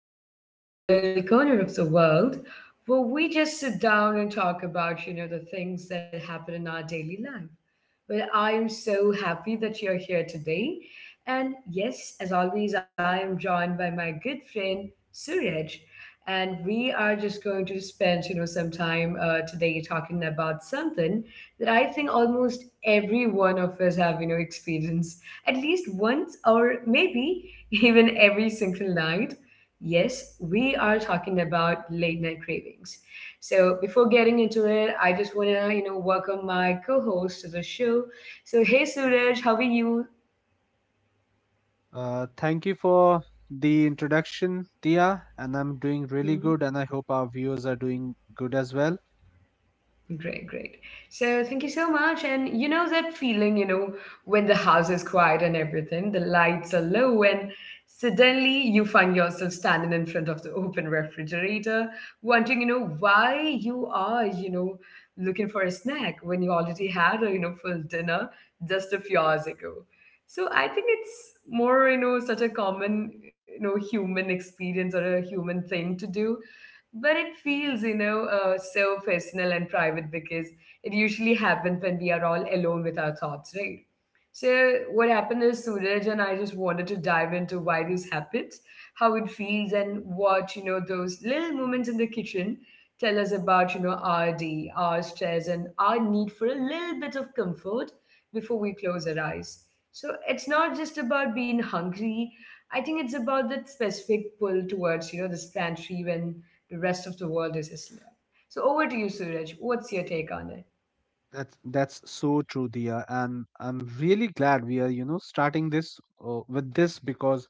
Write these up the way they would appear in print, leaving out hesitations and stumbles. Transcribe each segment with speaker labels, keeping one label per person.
Speaker 1: welcome back to our little corner of the world where we just sit down and talk about, the things that happen in our daily life. Well, I am so happy that you're here today. And yes, as always, I am joined by my good friend Suraj, and we are just going to spend, some time today talking about something that I think almost every one of us have, experienced at least once or maybe even every single night. Yes, we are talking about late night cravings. So before getting into it, I just wanna welcome my co-host to the show. So hey Suraj, how are you?
Speaker 2: Thank you for the introduction, Tia. And I'm doing really good, and I hope our viewers are doing good as well.
Speaker 1: Great, great. So thank you so much. And you know that feeling, when the house is quiet and everything, the lights are low, and suddenly you find yourself standing in front of the open refrigerator, wondering, why you are, looking for a snack when you already had a, full dinner just a few hours ago. So I think it's more, such a common, human experience or a human thing to do, but it feels so personal and private, because it usually happens when we are all alone with our thoughts, right? So what happened is, Suraj and I just wanted to dive into why this happens, how it feels, and what those little moments in the kitchen tell us about our day, our stress, and our need for a little bit of comfort before we close our eyes. So it's not just about being hungry. I think it's about that specific pull towards, this plant tree when the rest of the world is Islam. So over to you, Suraj. What's your take on it?
Speaker 2: That's so true, Dia, and I'm really glad we are starting this with this because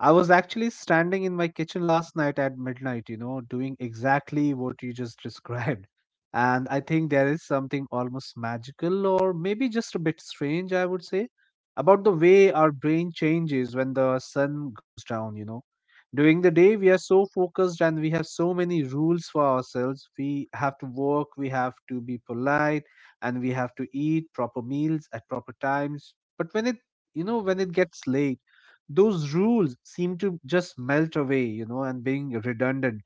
Speaker 2: I was actually standing in my kitchen last night at midnight, doing exactly what you just described. And I think there is something almost magical or maybe just a bit strange, I would say, about the way our brain changes when the sun goes down. During the day, we are so focused and we have so many rules for ourselves. We have to work, we have to be polite, and we have to eat proper meals at proper times, but when it gets late, those rules seem to just melt away, and being redundant.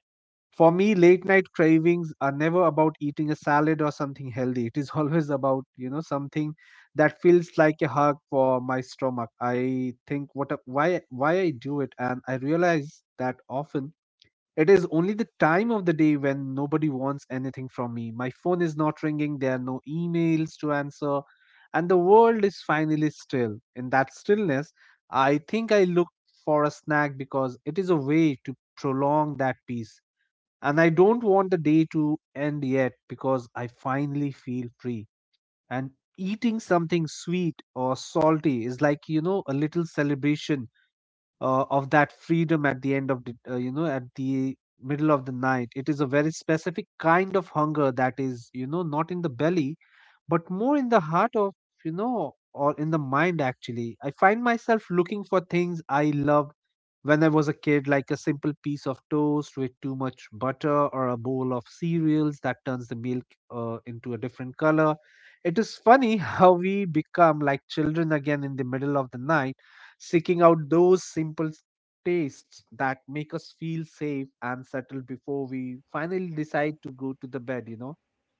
Speaker 2: For me, late night cravings are never about eating a salad or something healthy. It is always about something that feels like a hug for my stomach. I think what a, why I do it, and I realize that often it is only the time of the day when nobody wants anything from me. My phone is not ringing, there are no emails to answer, and the world is finally still. In that stillness, I think I look for a snack because it is a way to prolong that peace. And I don't want the day to end yet because I finally feel free. And eating something sweet or salty is like, a little celebration of that freedom at the end of the you know at the middle of the night. It is a very specific kind of hunger that is, not in the belly, but more in the heart of, or in the mind, actually. I find myself looking for things I loved when I was a kid, like a simple piece of toast with too much butter or a bowl of cereals that turns the milk into a different color. It is funny how we become like children again in the middle of the night, seeking out those simple tastes that make us feel safe and settled before we finally decide to go to the bed.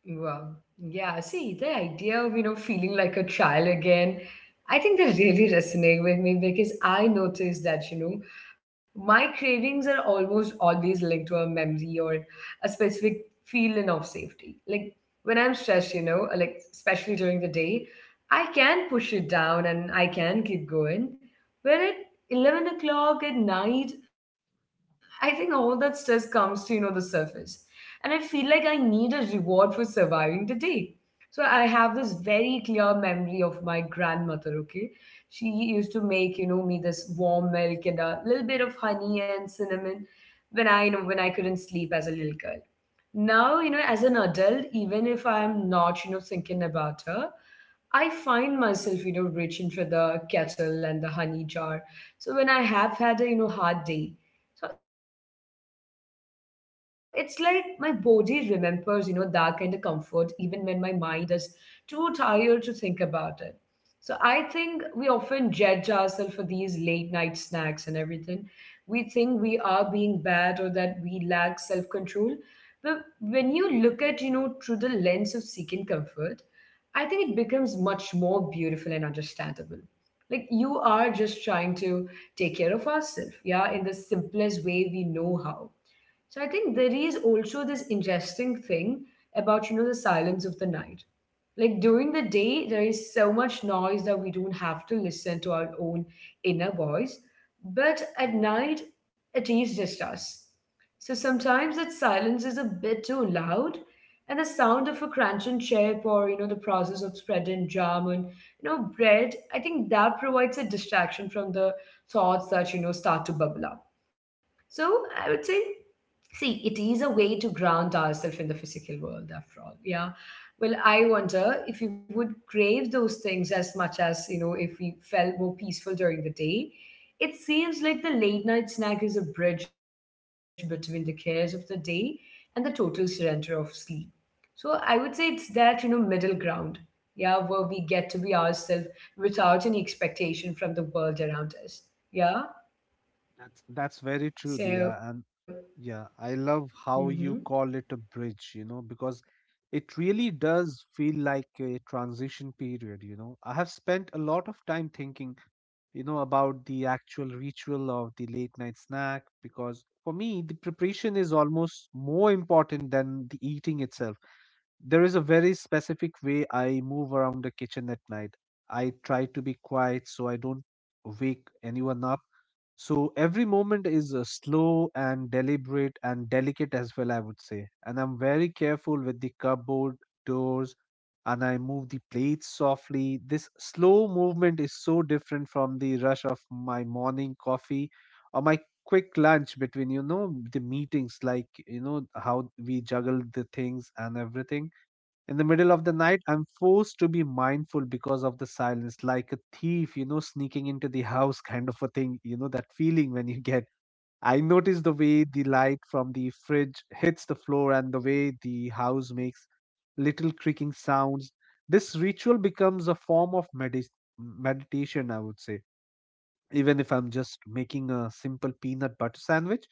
Speaker 1: Wow. Yeah. See, the idea of, feeling like a child again, I think they really resonate with me because I noticed that, my cravings are almost always linked to a memory or a specific feeling of safety. Like when I'm stressed, like especially during the day, I can push it down and I can keep going. But at 11 o'clock at night, I think all that stress comes to, the surface, and I feel like I need a reward for surviving the day. So I have this very clear memory of my grandmother, okay? She used to make, me this warm milk and a little bit of honey and cinnamon when I couldn't sleep as a little girl. Now, as an adult, even if I'm not, thinking about her, I find myself, reaching for the kettle and the honey jar. So when I have had a, hard day, so it's like my body remembers, that kind of comfort even when my mind is too tired to think about it. So I think we often judge ourselves for these late night snacks and everything. We think we are being bad or that we lack self control. But when you look at, through the lens of seeking comfort, I think it becomes much more beautiful and understandable. Like you are just trying to take care of ourselves, yeah, in the simplest way we know how. So I think there is also this interesting thing about, the silence of the night. Like during the day, there is so much noise that we don't have to listen to our own inner voice, but at night, it is just us. So sometimes that silence is a bit too loud, and the sound of a crunching chip, or the process of spreading jam and bread, I think that provides a distraction from the thoughts that start to bubble up. So I would say, see, it is a way to ground ourselves in the physical world after all. Yeah. Well, I wonder if we would crave those things as much, if we felt more peaceful during the day. It seems like the late night snack is a bridge between the cares of the day and the total surrender of sleep. So I would say it's that, middle ground. Yeah, where we get to be ourselves without any expectation from the world around us. Yeah.
Speaker 2: That's very true,
Speaker 1: So,
Speaker 2: Dia. Yeah, I love
Speaker 1: mm-hmm.
Speaker 2: how you call it a bridge, because it really does feel like a transition period. I have spent a lot of time thinking about the actual ritual of the late night snack, because for me, the preparation is almost more important than the eating itself. There is a very specific way I move around the kitchen at night. I try to be quiet so I don't wake anyone up, so every moment is slow and deliberate and delicate as well, I would say. And I'm very careful with the cupboard doors, and I move the plates softly. This slow movement is so different from the rush of my morning coffee or my quick lunch between the meetings, like, how we juggle the things and everything. In the middle of the night, I'm forced to be mindful because of the silence, like a thief, sneaking into the house, kind of a thing, that feeling when you get. I notice the way the light from the fridge hits the floor and the way the house makes little creaking sounds. This ritual becomes a form of medis meditation, I would say. Even if I'm just making a simple peanut butter sandwich,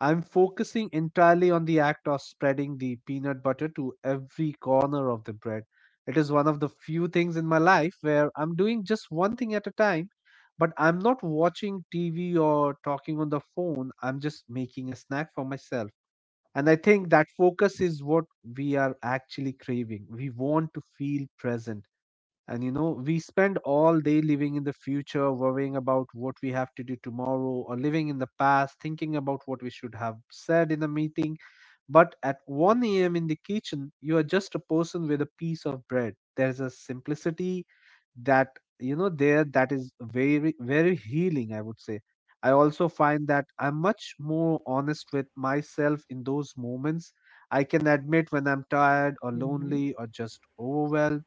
Speaker 2: I'm focusing entirely on the act of spreading the peanut butter to every corner of the bread. It is one of the few things in my life where I'm doing just one thing at a time, but I'm not watching TV or talking on the phone. I'm just making a snack for myself. And I think that focus is what we are actually craving. We want to feel present, and we spend all day living in the future, worrying about what we have to do tomorrow, or living in the past, thinking about what we should have said in the meeting, but at 1 a.m. in the kitchen, you are just a person with a piece of bread. There is a simplicity that, you know, there that is very, very healing, I would say. I also find that I'm much more honest with myself in
Speaker 1: Mm-hmm.
Speaker 2: those moments. I can admit when I'm tired or lonely or just overwhelmed.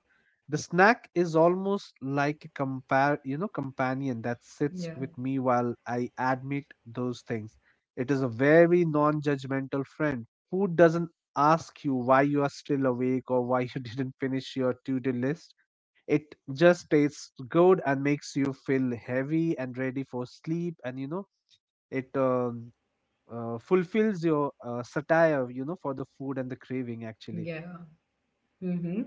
Speaker 2: The snack is almost like a compare, you know,
Speaker 1: Yeah,
Speaker 2: companion that sits with me while I admit those things. It is a very non-judgmental friend. Food doesn't ask you why you are still awake or why you didn't finish your to do list. It just tastes good and makes you feel heavy and ready for sleep. And it fulfills your satire, for the food and the craving, actually.
Speaker 1: yeah. Mm-hmm.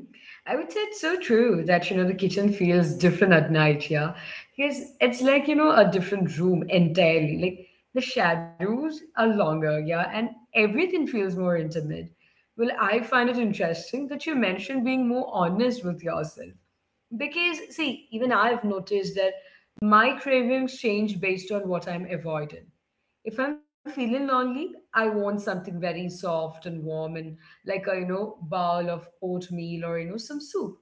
Speaker 1: I would say it's so true that, the kitchen feels different at night, yeah. Because it's like, a different room entirely. Like the shadows are longer, yeah, and everything feels more intimate. Well, I find it interesting that you mentioned being more honest with yourself. Because, see, even I've noticed that my cravings change based on what I'm avoiding. If I'm feeling lonely, I want something very soft and warm and like a, bowl of oatmeal or, some soup.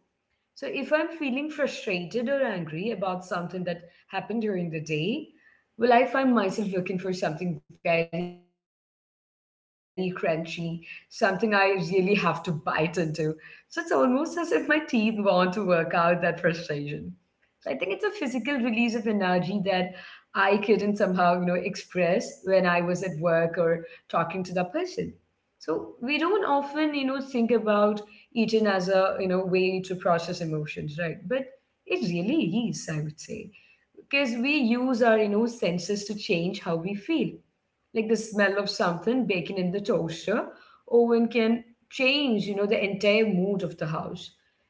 Speaker 1: So if I'm feeling frustrated or angry about something that happened during the day, well, I find myself looking for something very crunchy, something I really have to bite into. So it's almost as if my teeth want to work out that frustration. So I think it's a physical release of energy that I couldn't somehow, express when I was at work or talking to the person. So we don't often, think about eating as a, way to process emotions, right? But it really is, I would say, because we use our, senses to change how we feel, like the smell of something baking in the toaster oven can change the entire mood of the house,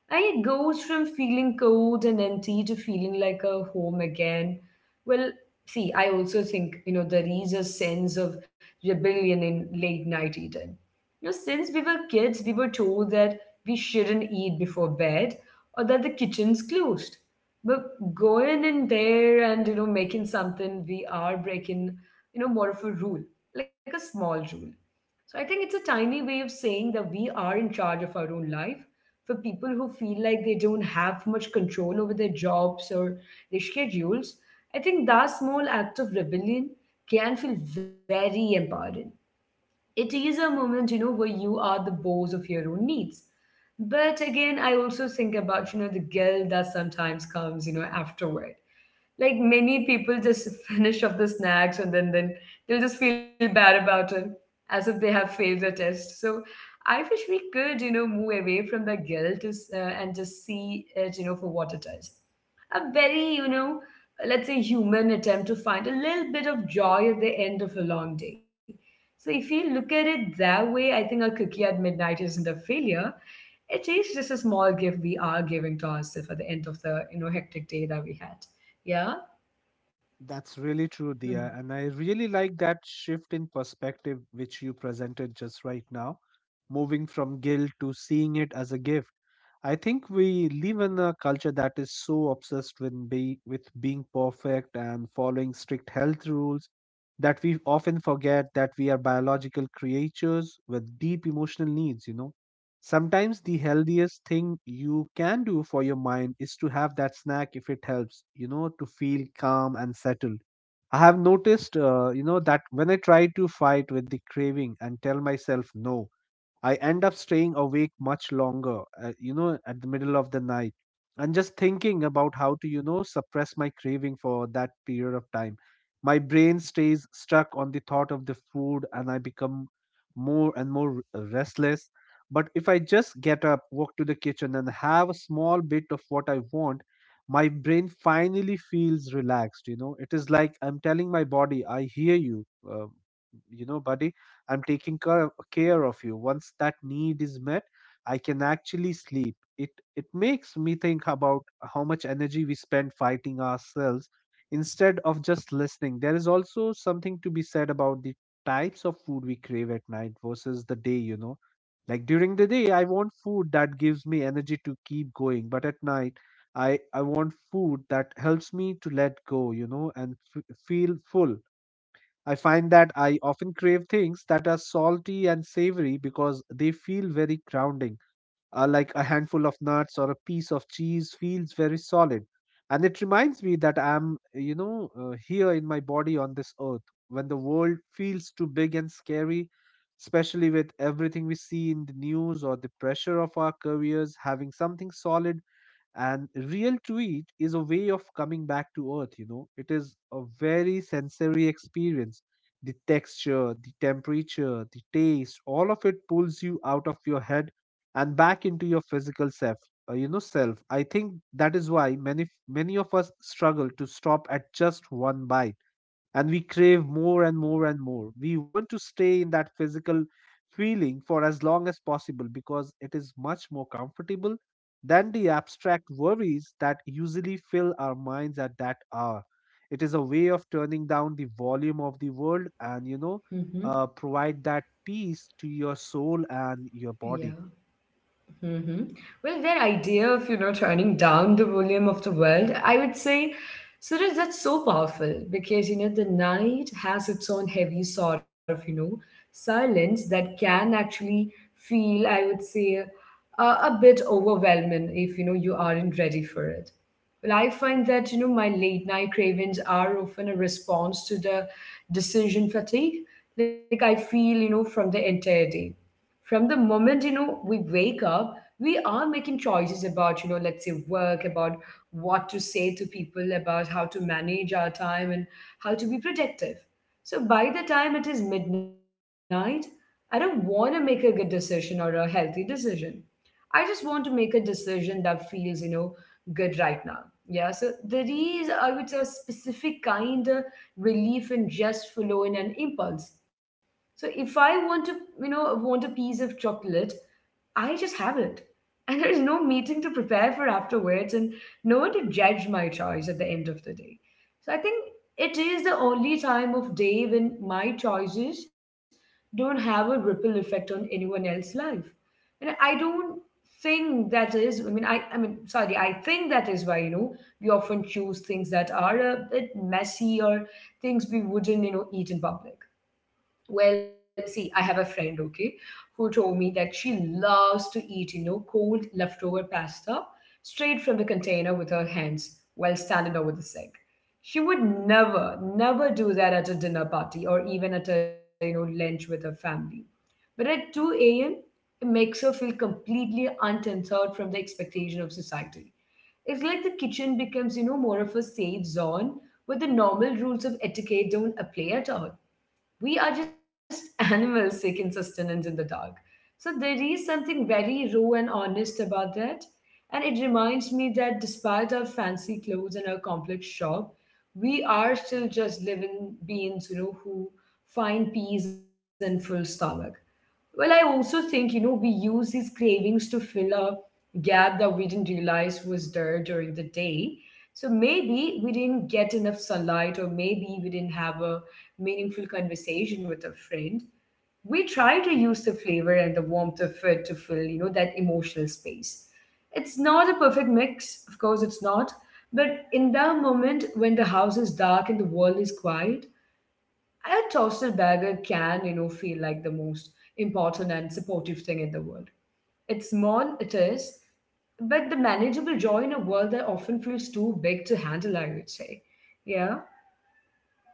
Speaker 1: and it goes from feeling cold and empty to feeling like a home again. Well, see, I also think there is a sense of rebellion in late night eating. You know since we were kids we were told that we shouldn't eat before bed, or that the kitchen's closed. But going in there and making something, we are breaking, more of a rule, like a small rule. So I think it's a tiny way of saying that we are in charge of our own life. For people who feel like they don't have much control over their jobs or their schedules, I think that small act of rebellion can feel very empowering. It is a moment, where you are the boss of your own needs. But again, I also think about, the guilt that sometimes comes, afterward. Like many people just finish up the snacks and then they'll just feel bad about it, as if they have failed the test. So I wish we could move away from the guilt and just see it for what it is: a very let's say human attempt to find a little bit of joy at the end of a long day. So if you look at it that way, I think a cookie at midnight isn't a failure. It is just a small gift we are giving to ourselves at the end of the hectic day that we had. Yeah.
Speaker 2: That's really true,
Speaker 1: Mm,
Speaker 2: Dia. And I really like that shift in perspective which you presented just right now, moving from guilt to seeing it as a gift. I think we live in a culture that is so obsessed with with being perfect and following strict health rules, that we often forget that we are biological creatures with deep emotional needs. Sometimes the healthiest thing you can do for your mind is to have that snack if it helps, to feel calm and settled. I have noticed that when I try to fight with the craving and tell myself no, I end up staying awake much longer, at the middle of the night. And just thinking about how to suppress my craving for that period of time. My brain stays stuck on the thought of the food and I become more and more restless. But if I just get up, walk to the kitchen, and have a small bit of what I want, my brain finally feels relaxed. It is like I'm telling my body, I hear you, uh, buddy. I'm taking care of you. Once that need is met, I can actually sleep. It makes me think about how much energy we spend fighting ourselves instead of just listening. There is also something to be said about the types of food we crave at night versus the day. Like during the day, I want food that gives me energy to keep going, but at night, I want food that helps me to let go, and feel full. I find that I often crave things that are salty and savory because they feel very grounding, like a handful of nuts or a piece of cheese feels very solid. And it reminds me that I'm here in my body on this earth. When the world feels too big and scary, especially with everything we see in the news or the pressure of our careers, having something solid and real tweet is a way of coming back to earth. It is a very sensory experience. The texture, the temperature, the taste, all of it pulls you out of your head and back into your physical self. I think that is why many of us struggle to stop at just one bite, and we crave more and more and more. We want to stay in that physical feeling for as long as possible because it is much more comfortable than the abstract worries that usually fill our minds at that hour. It is a way of turning down the volume of the world and
Speaker 1: mhm.
Speaker 2: provide that peace to your soul and your
Speaker 1: Yeah.
Speaker 2: body.
Speaker 1: Mhm. Well, their idea of, turning down the volume of the world, I would say, Suraj, that's so powerful because, the night has its own heavy sort of, silence that can actually feel, I would say, a bit overwhelming if, you aren't ready for it. Well, I find that, my late night cravings are often a response to the decision fatigue. Like I feel, from the entire day. From the moment we wake up, we are making choices about, let's say work, about what to say to people, about how to manage our time and how to be protective. So by the time it is midnight, I don't want to make a good decision or a healthy decision. I just want to make a decision that feels, good right now. Yeah, so there is, I would say, a specific kind of relief in just following an impulse. So if I want to, you know, want a piece of chocolate, I just have it. And there is no meeting to prepare for afterwards and no one to judge my choice at the end of the day. So I think it is the only time of day when my choices don't have a ripple effect on anyone else's life. And I don't think that is, I mean, I think that is why, we often choose things that are a bit messy or things we wouldn't, eat in public. Well, see, I have a friend, okay, who told me that she loves to eat, cold leftover pasta straight from the container with her hands while standing over the sink. She would never, never do that at a dinner party or even at a, lunch with her family, but at 2 a.m., it makes her feel completely untethered from the expectation of society. It's like the kitchen becomes, more of a safe zone where the normal rules of etiquette don't apply at all. We are just animals seeking sustenance in the dark. So there is something very raw and honest about that. And it reminds me that despite our fancy clothes and our complex shop, we are still just living beings, who find peace and full stomach. Well, I also think, we use these cravings to fill a gap that we didn't realize was there during the day. So maybe we didn't get enough sunlight, or maybe we didn't have a meaningful conversation with a friend. We try to use the flavor and the warmth of it to fill, that emotional space. It's not a perfect mix, of course it's not, but in that moment when the house is dark and the world is quiet, a toasted bagel can, feel like the most important and supportive thing in the world. It's small, it is, but the manageable joy in a world that often feels too big to handle, I would say. Yeah?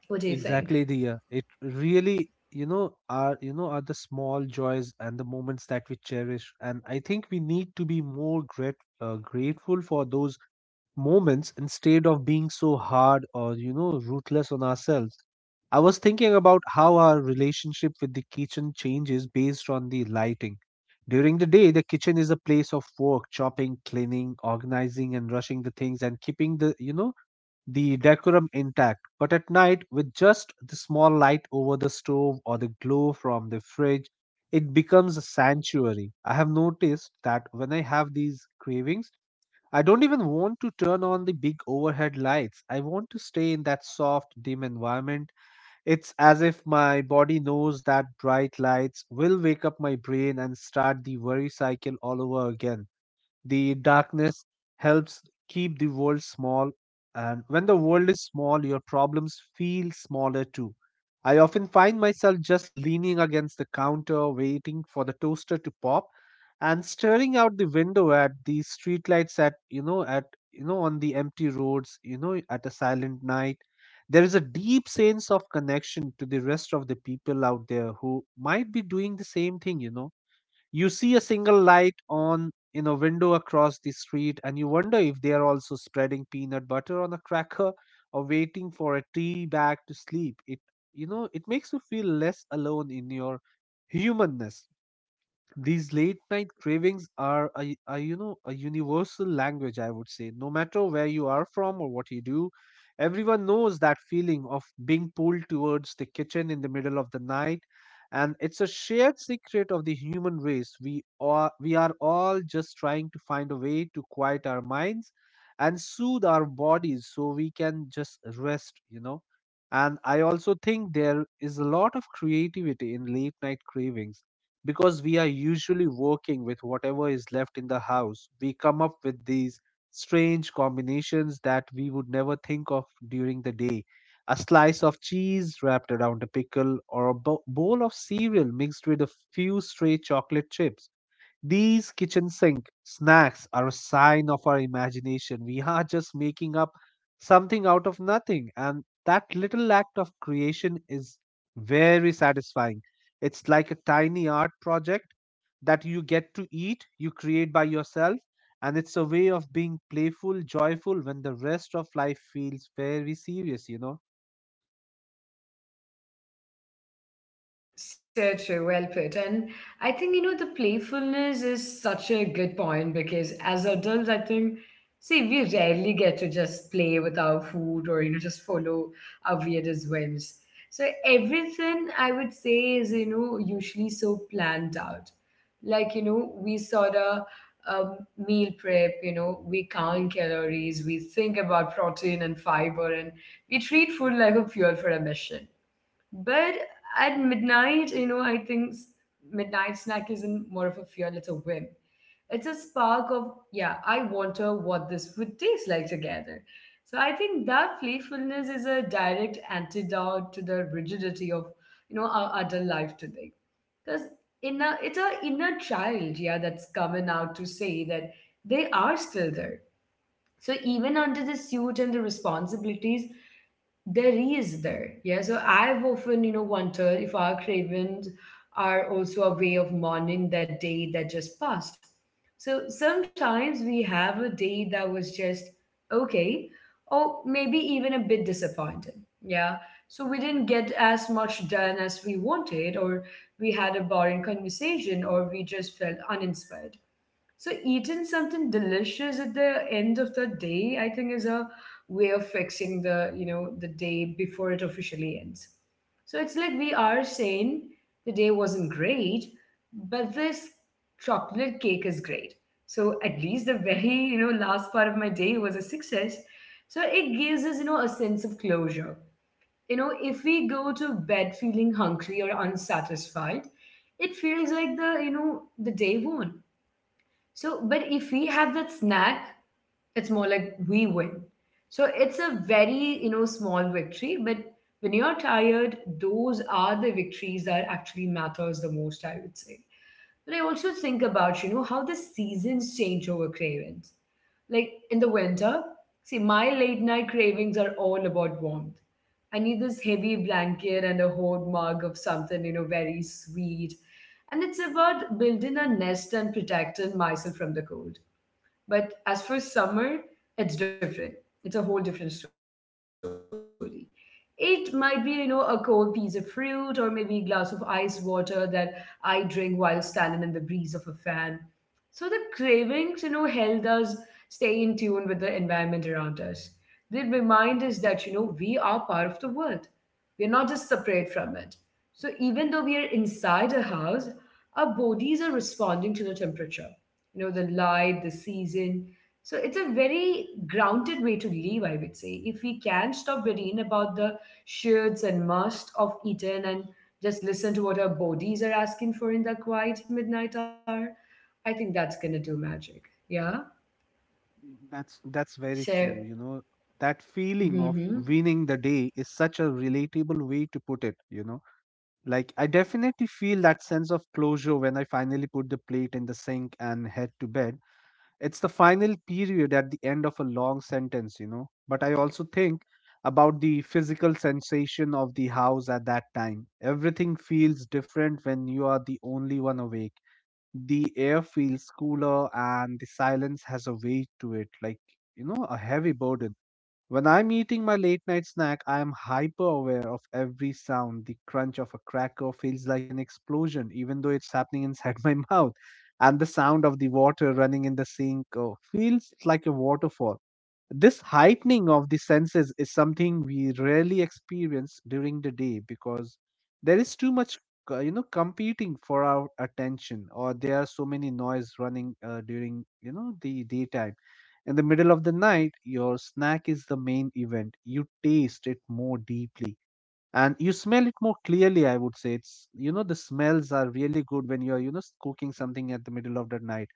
Speaker 1: What do you think?
Speaker 2: Exactly, Diya. It really are the small joys and the moments that we cherish, and I think we need to be more grateful for those moments instead of being so hard or ruthless on ourselves. I was thinking about how our relationship with the kitchen changes based on the lighting. During the day, the kitchen is a place of work, chopping, cleaning, organizing, and rushing the things and keeping the decorum intact, but at night, with just the small light over the stove or the glow from the fridge, it becomes a sanctuary. I have noticed that when I have these cravings, I don't even want to turn on the big overhead lights. I want to stay in that soft, dim environment. It's as if my body knows that bright lights will wake up my brain and start the worry cycle all over again. The darkness helps keep the world small, and when the world is small, your problems feel smaller too. I often find myself just leaning against the counter, waiting for the toaster to pop, and staring out the window at the streetlights, at you know on the empty roads, at a silent night. There is a deep sense of connection to the rest of the people out there who might be doing the same thing. You see a single light on in a window across the street, and you wonder if they are also spreading peanut butter on a cracker or waiting for a tea bag to sleep it. It makes you feel less alone in your humanness. These late night cravings are a a universal language, I would say. No matter where you are from or what you do, everyone knows that feeling of being pulled towards the kitchen in the middle of the night, and it's a shared secret of the human race. We are all just trying to find a way to quiet our minds and soothe our bodies so we can just rest. And I also think there is a lot of creativity in late night cravings, because we are usually working with whatever is left in the house. We come up with these strange combinations that we would never think of during the day. A slice of cheese wrapped around a pickle, or a bowl of cereal mixed with a few stray chocolate chips. These kitchen sink snacks are a sign of our imagination. We are just making up something out of nothing, and that little act of creation is very satisfying. It's like a tiny art project that you get to eat, you create by yourself, and it's a way of being playful, joyful when the rest of life feels very serious, you know.
Speaker 1: So true, well put. And I think, the playfulness is such a good point because as adults, I think, see, we rarely get to just play with our food or, just follow our weirdest whims. So everything I would say is, usually so planned out. Like, we sort of meal prep, we count calories, we think about protein and fiber, and we treat food like a fuel for a mission, but at midnight, I think midnight snack isn't more of a fear, it's a whim. It's a spark of, yeah, I wonder what this would taste like together. So I think that playfulness is a direct antidote to the rigidity of, our adult life today. Because it's our inner child, yeah, that's coming out to say that they are still there. So even under the suit and the responsibilities, there is there. Yeah, so I've often wondered if our cravings are also a way of mourning that day that just passed. So sometimes we have a day that was just okay or maybe even a bit disappointing. Yeah, so we didn't get as much done as we wanted, or we had a boring conversation, or we just felt uninspired. So eating something delicious at the end of the day, I think, is a way of fixing the the day before it officially ends. So it's like we are saying the day wasn't great, but this chocolate cake is great. So at least the very last part of my day was a success. So it gives us a sense of closure. You know, if we go to bed feeling hungry or unsatisfied, it feels like the the day won. So, but if we have that snack, it's more like we win. So it's a very, small victory, but when you're tired, those are the victories that actually matters the most, I would say. But I also think about, how the seasons change over cravings. Like in the winter, see, my late night cravings are all about warmth. I need this heavy blanket and a whole mug of something, very sweet. And it's about building a nest and protecting myself from the cold. But as for summer, it's different. It's a whole different story. It might be, a cold piece of fruit or maybe a glass of ice water that I drink while standing in the breeze of a fan. So the cravings, help us stay in tune with the environment around us. They remind us that, we are part of the world. We're not just separate from it. So even though we are inside a house, our bodies are responding to the temperature, the light, the season. So it's a very grounded way to live, I would say, if we can stop worrying about the shoulds and must of eaten and just listen to what our bodies are asking for in the quiet midnight hour. I think that's gonna do magic. Yeah.
Speaker 2: That's very
Speaker 1: So
Speaker 2: true,
Speaker 1: mm-hmm,
Speaker 2: you know. That feeling of
Speaker 1: mm-hmm,
Speaker 2: winning the day is such a relatable way to put it, you know. Like, I definitely feel that sense of closure when I finally put the plate in the sink and head to bed. It's the final period at the end of a long sentence, you know. But I also think about the physical sensation of the house at that time. Everything feels different when you are the only one awake. The air feels cooler and the silence has a weight to it, like, you know, a heavy burden. When I'm eating my late night snack, I am hyper aware of every sound. The crunch of a cracker feels like an explosion, even though it's happening inside my mouth. And the sound of the water running in the sink feels like a waterfall. This heightening of the senses is something we rarely experience during the day, because there is too much, you know, competing for our attention, or there are so many noise running during, you know, the daytime. In the middle of the night, your snack is the main event. You taste it more deeply and you smell it more clearly, I would say. It's, you know, the smells are really good when you're, you know, cooking something at the middle of the night.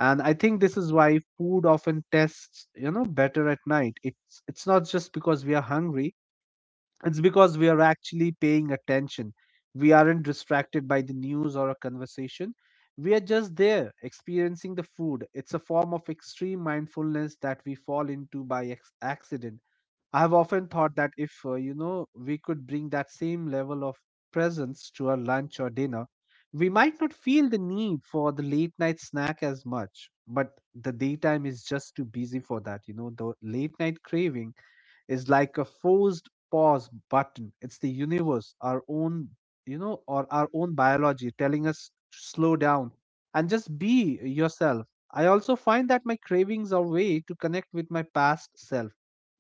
Speaker 2: And I think this is why food often tastes, you know, better at night. It's not just because we are hungry, it's because we are actually paying attention. We aren't distracted by the news or a conversation, we are just there experiencing the food. It's a form of extreme mindfulness that we fall into by accident. I have often thought that if, you know, we could bring that same level of presence to our lunch or dinner, we might not feel the need for the late night snack as much. But the daytime is just too busy for that. You know, the late night craving is like a forced pause button. It's the universe, our own, you know, or our own biology telling us to slow down and just be yourself. I also find that my cravings are a way to connect with my past self.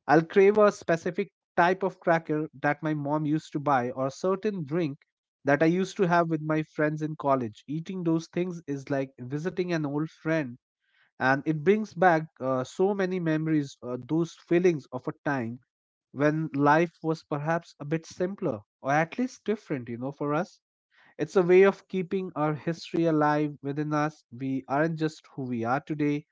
Speaker 2: I'll crave a specific type of cracker that my mom used to buy, or a certain drink that I used to have with my friends in college. Eating those things is like visiting an old friend, and it brings back so many memories, those feelings of a time when life was perhaps a bit simpler or at least different, you know, for us. It's a way of keeping our history alive within us. We aren't just who we are today,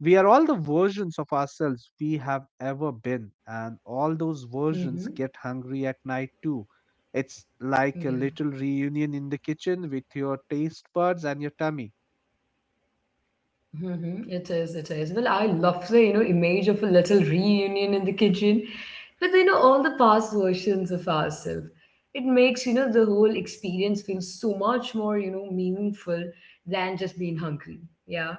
Speaker 2: we are all the versions of ourselves we have ever been, and all those versions get
Speaker 1: mm-hmm.
Speaker 2: hungry at night too. It's like a little
Speaker 1: Yeah.
Speaker 2: reunion in the kitchen with your taste buds and your tummy.
Speaker 1: Mm-hmm. It is, it is. Well, I love the, image of a little reunion in the kitchen with, all the past versions of ourselves. It makes, the whole experience feel so much more, meaningful than just being hungry. Yeah.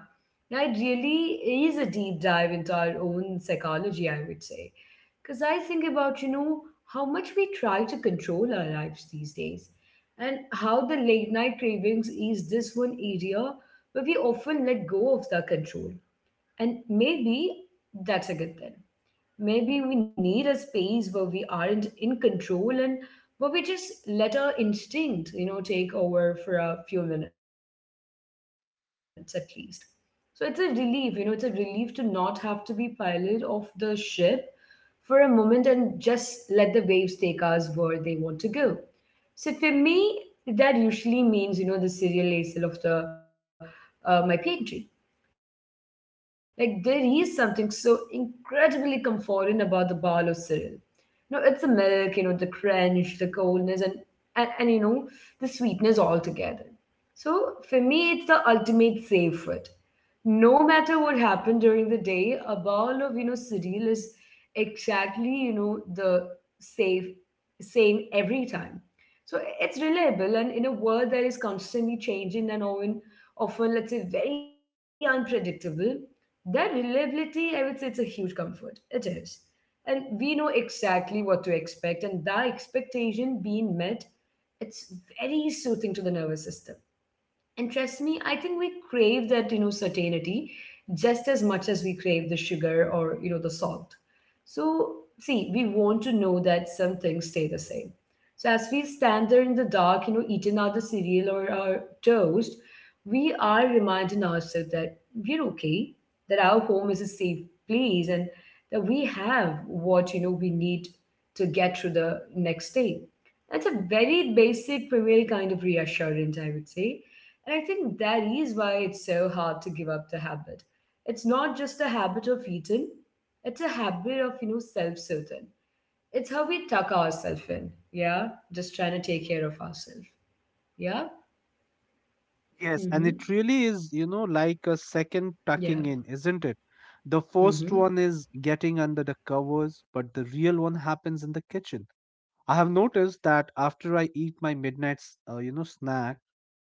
Speaker 1: Now, it really is a deep dive into our own psychology, I would say. Because I think about, how much we try to control our lives these days and how the late night cravings is this one area, but we often let go of the control. And maybe that's a good thing. Maybe we need a space where we aren't in control and where we just let our instinct, take over for a few minutes at least. So it's a relief, it's a relief to not have to be pilot of the ship for a moment and just let the waves take us where they want to go. So for me, that usually means, the cereal layer of the my pantry. Like there is something so incredibly comforting about the bowl of cereal. No, it's the milk, the crunch, the coldness, and, and and you know, the sweetness all together. So for me, it's the ultimate safe food. No matter what happened during the day, a bowl of cereal is exactly the safe same every time. So it's reliable, and in a world that is constantly changing and often, often let's say, very unpredictable, that reliability, I would say, it's a huge comfort. It is. And we know exactly what to expect, and that expectation being met, it's very soothing to the nervous system. And trust me, I think we crave that, certainty just as much as we crave the sugar or, the salt. So, see, we want to know that some things stay the same. So, as we stand there in the dark, eating our the cereal or our toast, we are reminding ourselves that we're okay, that our home is a safe place, and that we have what, we need to get through the next day. That's a very basic, primal kind of reassurance, I would say. And I think that is why it's so hard to give up the habit. It's not just the habit of eating, it's a habit of, self-soothing. It's how we tuck ourselves in. Yeah. Just trying to take care of ourselves. Yeah.
Speaker 2: Yes, and
Speaker 1: Mm-hmm.
Speaker 2: it really is, you know, like a second tucking
Speaker 1: Yeah.
Speaker 2: in, isn't it? The first one
Speaker 1: Mm-hmm.
Speaker 2: is getting under the covers, but the real one happens in the kitchen. I have noticed that after I eat my midnight, you know, snack,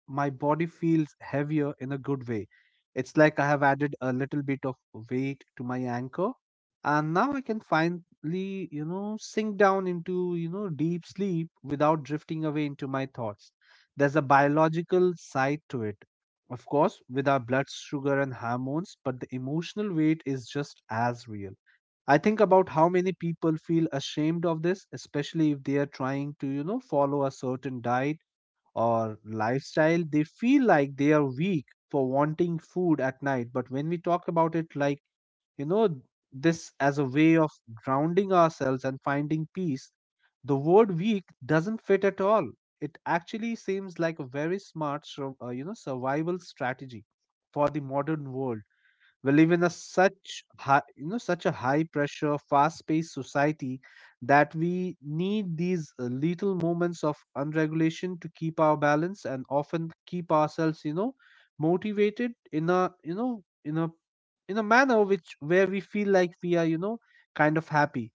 Speaker 2: my body feels heavier in a good way. It's like I have added a little bit of weight to my anchor, and now I can finally, you know, sink down into, you know, deep sleep without drifting away into my thoughts. There's a biological side to it, of course, with our blood sugar and hormones, but the emotional weight is just as real. I think about how many people feel ashamed of this, especially if they are trying to, you know, follow a certain diet or lifestyle. They feel like they are weak for wanting food at night. But when we talk about it, like, you know, this as a way of grounding ourselves and finding peace, the word weak doesn't fit at all. It actually seems like a very smart, you know, survival strategy for the modern world we live in. A such high, you know, such a high pressure, fast paced society that we need these little moments of unregulation to keep our balance and often keep ourselves, you know, motivated in a, you know, in a manner which where we feel like we are, you know, kind of happy.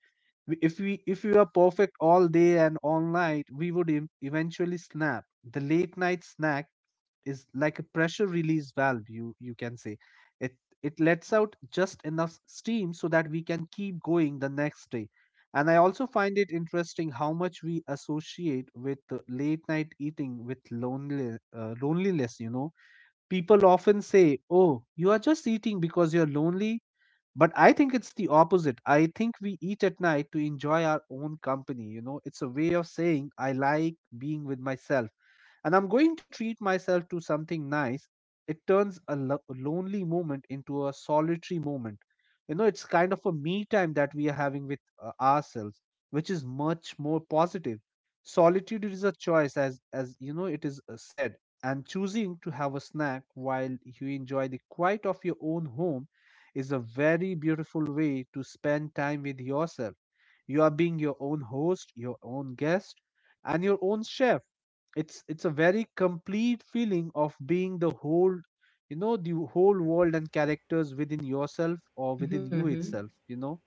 Speaker 2: If we were perfect all day and all night, we would eventually snap. The late night snack is like a pressure release valve, you can say. it it lets out just enough steam so that we can keep going the next day. And I also find it interesting how much we associate with late night eating with lonely loneliness, you know. People often say, oh, you are just eating because you're lonely. But I think it's the opposite. I think we eat at night to enjoy our own company, you know. It's a way of saying I like being with myself, and I'm going to treat myself to something nice. It turns a lonely moment into a solitary moment. You know, it's kind of a me time that we are having with ourselves, which is much more positive. Solitude is a choice, as you know, it is said, and choosing to have a snack while you enjoy the quiet of your own home is a very beautiful way to spend time with yourself. You are being your own host, your own guest, and your own chef. It's a very complete feeling of being the whole, you know, the whole world and characters within yourself or within you
Speaker 1: Mm-hmm.
Speaker 2: itself, you know.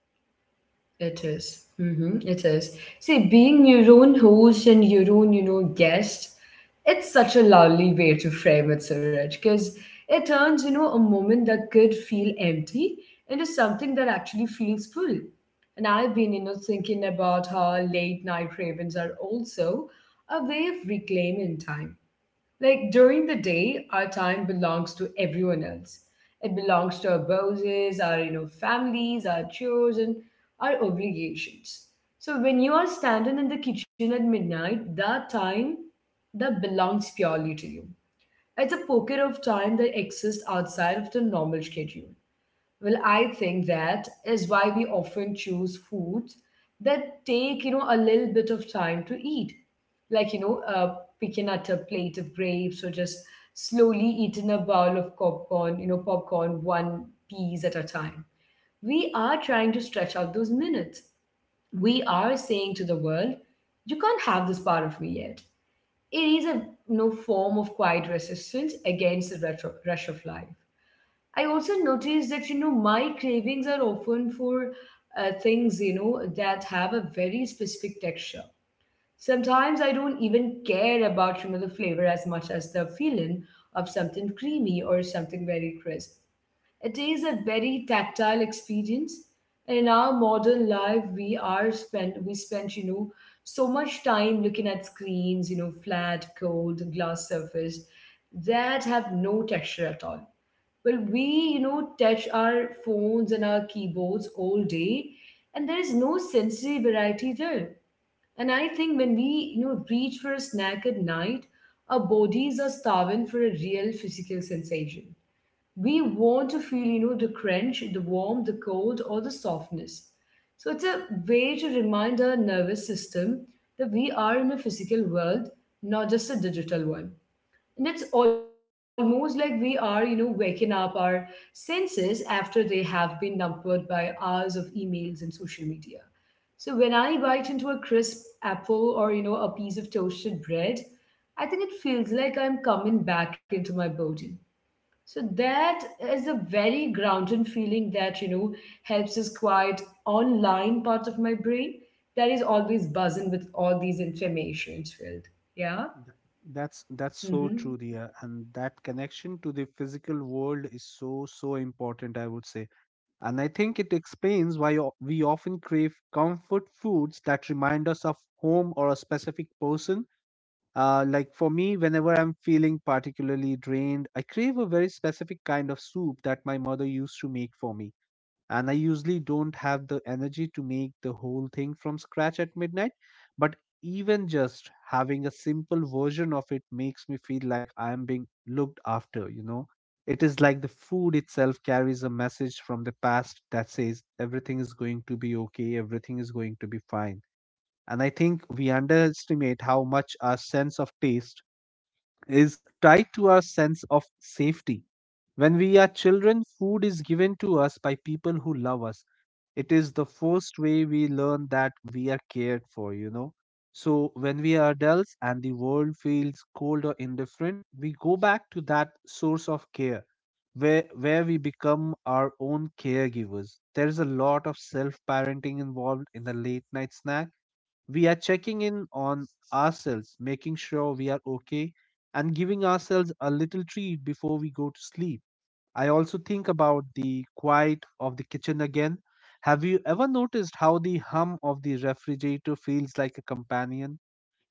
Speaker 1: It is. Mm-hmm, it is. See, being your own host and your own, guest, it's such a lovely way to frame it, Suraj, because it turns, a moment that could feel empty into something that actually feels full. And I've been, thinking about how late night ravens are also a way of reclaiming time, like during the day, our time belongs to everyone else. It belongs to our bosses, our families, our chores, and our obligations. So when you are standing in the kitchen at midnight, that time that belongs purely to you. It's a pocket of time that exists outside of the normal schedule. Well, I think that is why we often choose foods that take a little bit of time to eat, like picking at a plate of grapes or just slowly eating a bowl of popcorn, popcorn one piece at a time. We are trying to stretch out those minutes. We are saying to the world, you can't have this part of me yet. It is a, form of quiet resistance against the rush of life. I also noticed that my cravings are often for things that have a very specific texture. Sometimes I don't even care about, the flavor as much as the feeling of something creamy or something very crisp. It is a very tactile experience. In our modern life, we are spent we spend, so much time looking at screens, flat, cold, glass surface that have no texture at all. Well, touch our phones and our keyboards all day, and there is no sensory variety there. And I think when we reach for a snack at night, our bodies are starving for a real physical sensation. We want to feel the crunch, the warmth, the cold, or the softness. So it's a way to remind our nervous system that we are in a physical world, not just a digital one. And it's almost like we are waking up our senses after they have been numbered by hours of emails and social media. So when I bite into a crisp apple or a piece of toasted bread, I think it feels like I'm coming back into my body. So that is a very grounded feeling that helps us quiet online part of my brain that is always buzzing with all these informations filled. Yeah.
Speaker 2: Th- that's so
Speaker 1: Mm-hmm.
Speaker 2: true, dear. And that connection to the physical world is so so important, I would say. And I think it explains why we often crave comfort foods that remind us of home or a specific person. Like for me, whenever I'm feeling particularly drained, I crave a very specific kind of soup that my mother used to make for me. And I usually don't have the energy to make the whole thing from scratch at midnight. But even just having a simple version of it makes me feel like I am being looked after, you know? It is like the food itself carries a message from the past that says everything is going to be okay, everything is going to be fine. And I think we underestimate how much our sense of taste is tied to our sense of safety. When we are children, food is given to us by people who love us. It is the first way we learn that we are cared for, you know. So when we are adults and the world feels cold or indifferent, we go back to that source of care, where we become our own caregivers. There is a lot of self-parenting involved in the late night snack. We are checking in on ourselves, making sure we are okay, and giving ourselves a little treat before we go to sleep. I also think about the quiet of the kitchen again. Have you ever noticed how the hum of the refrigerator feels like a companion?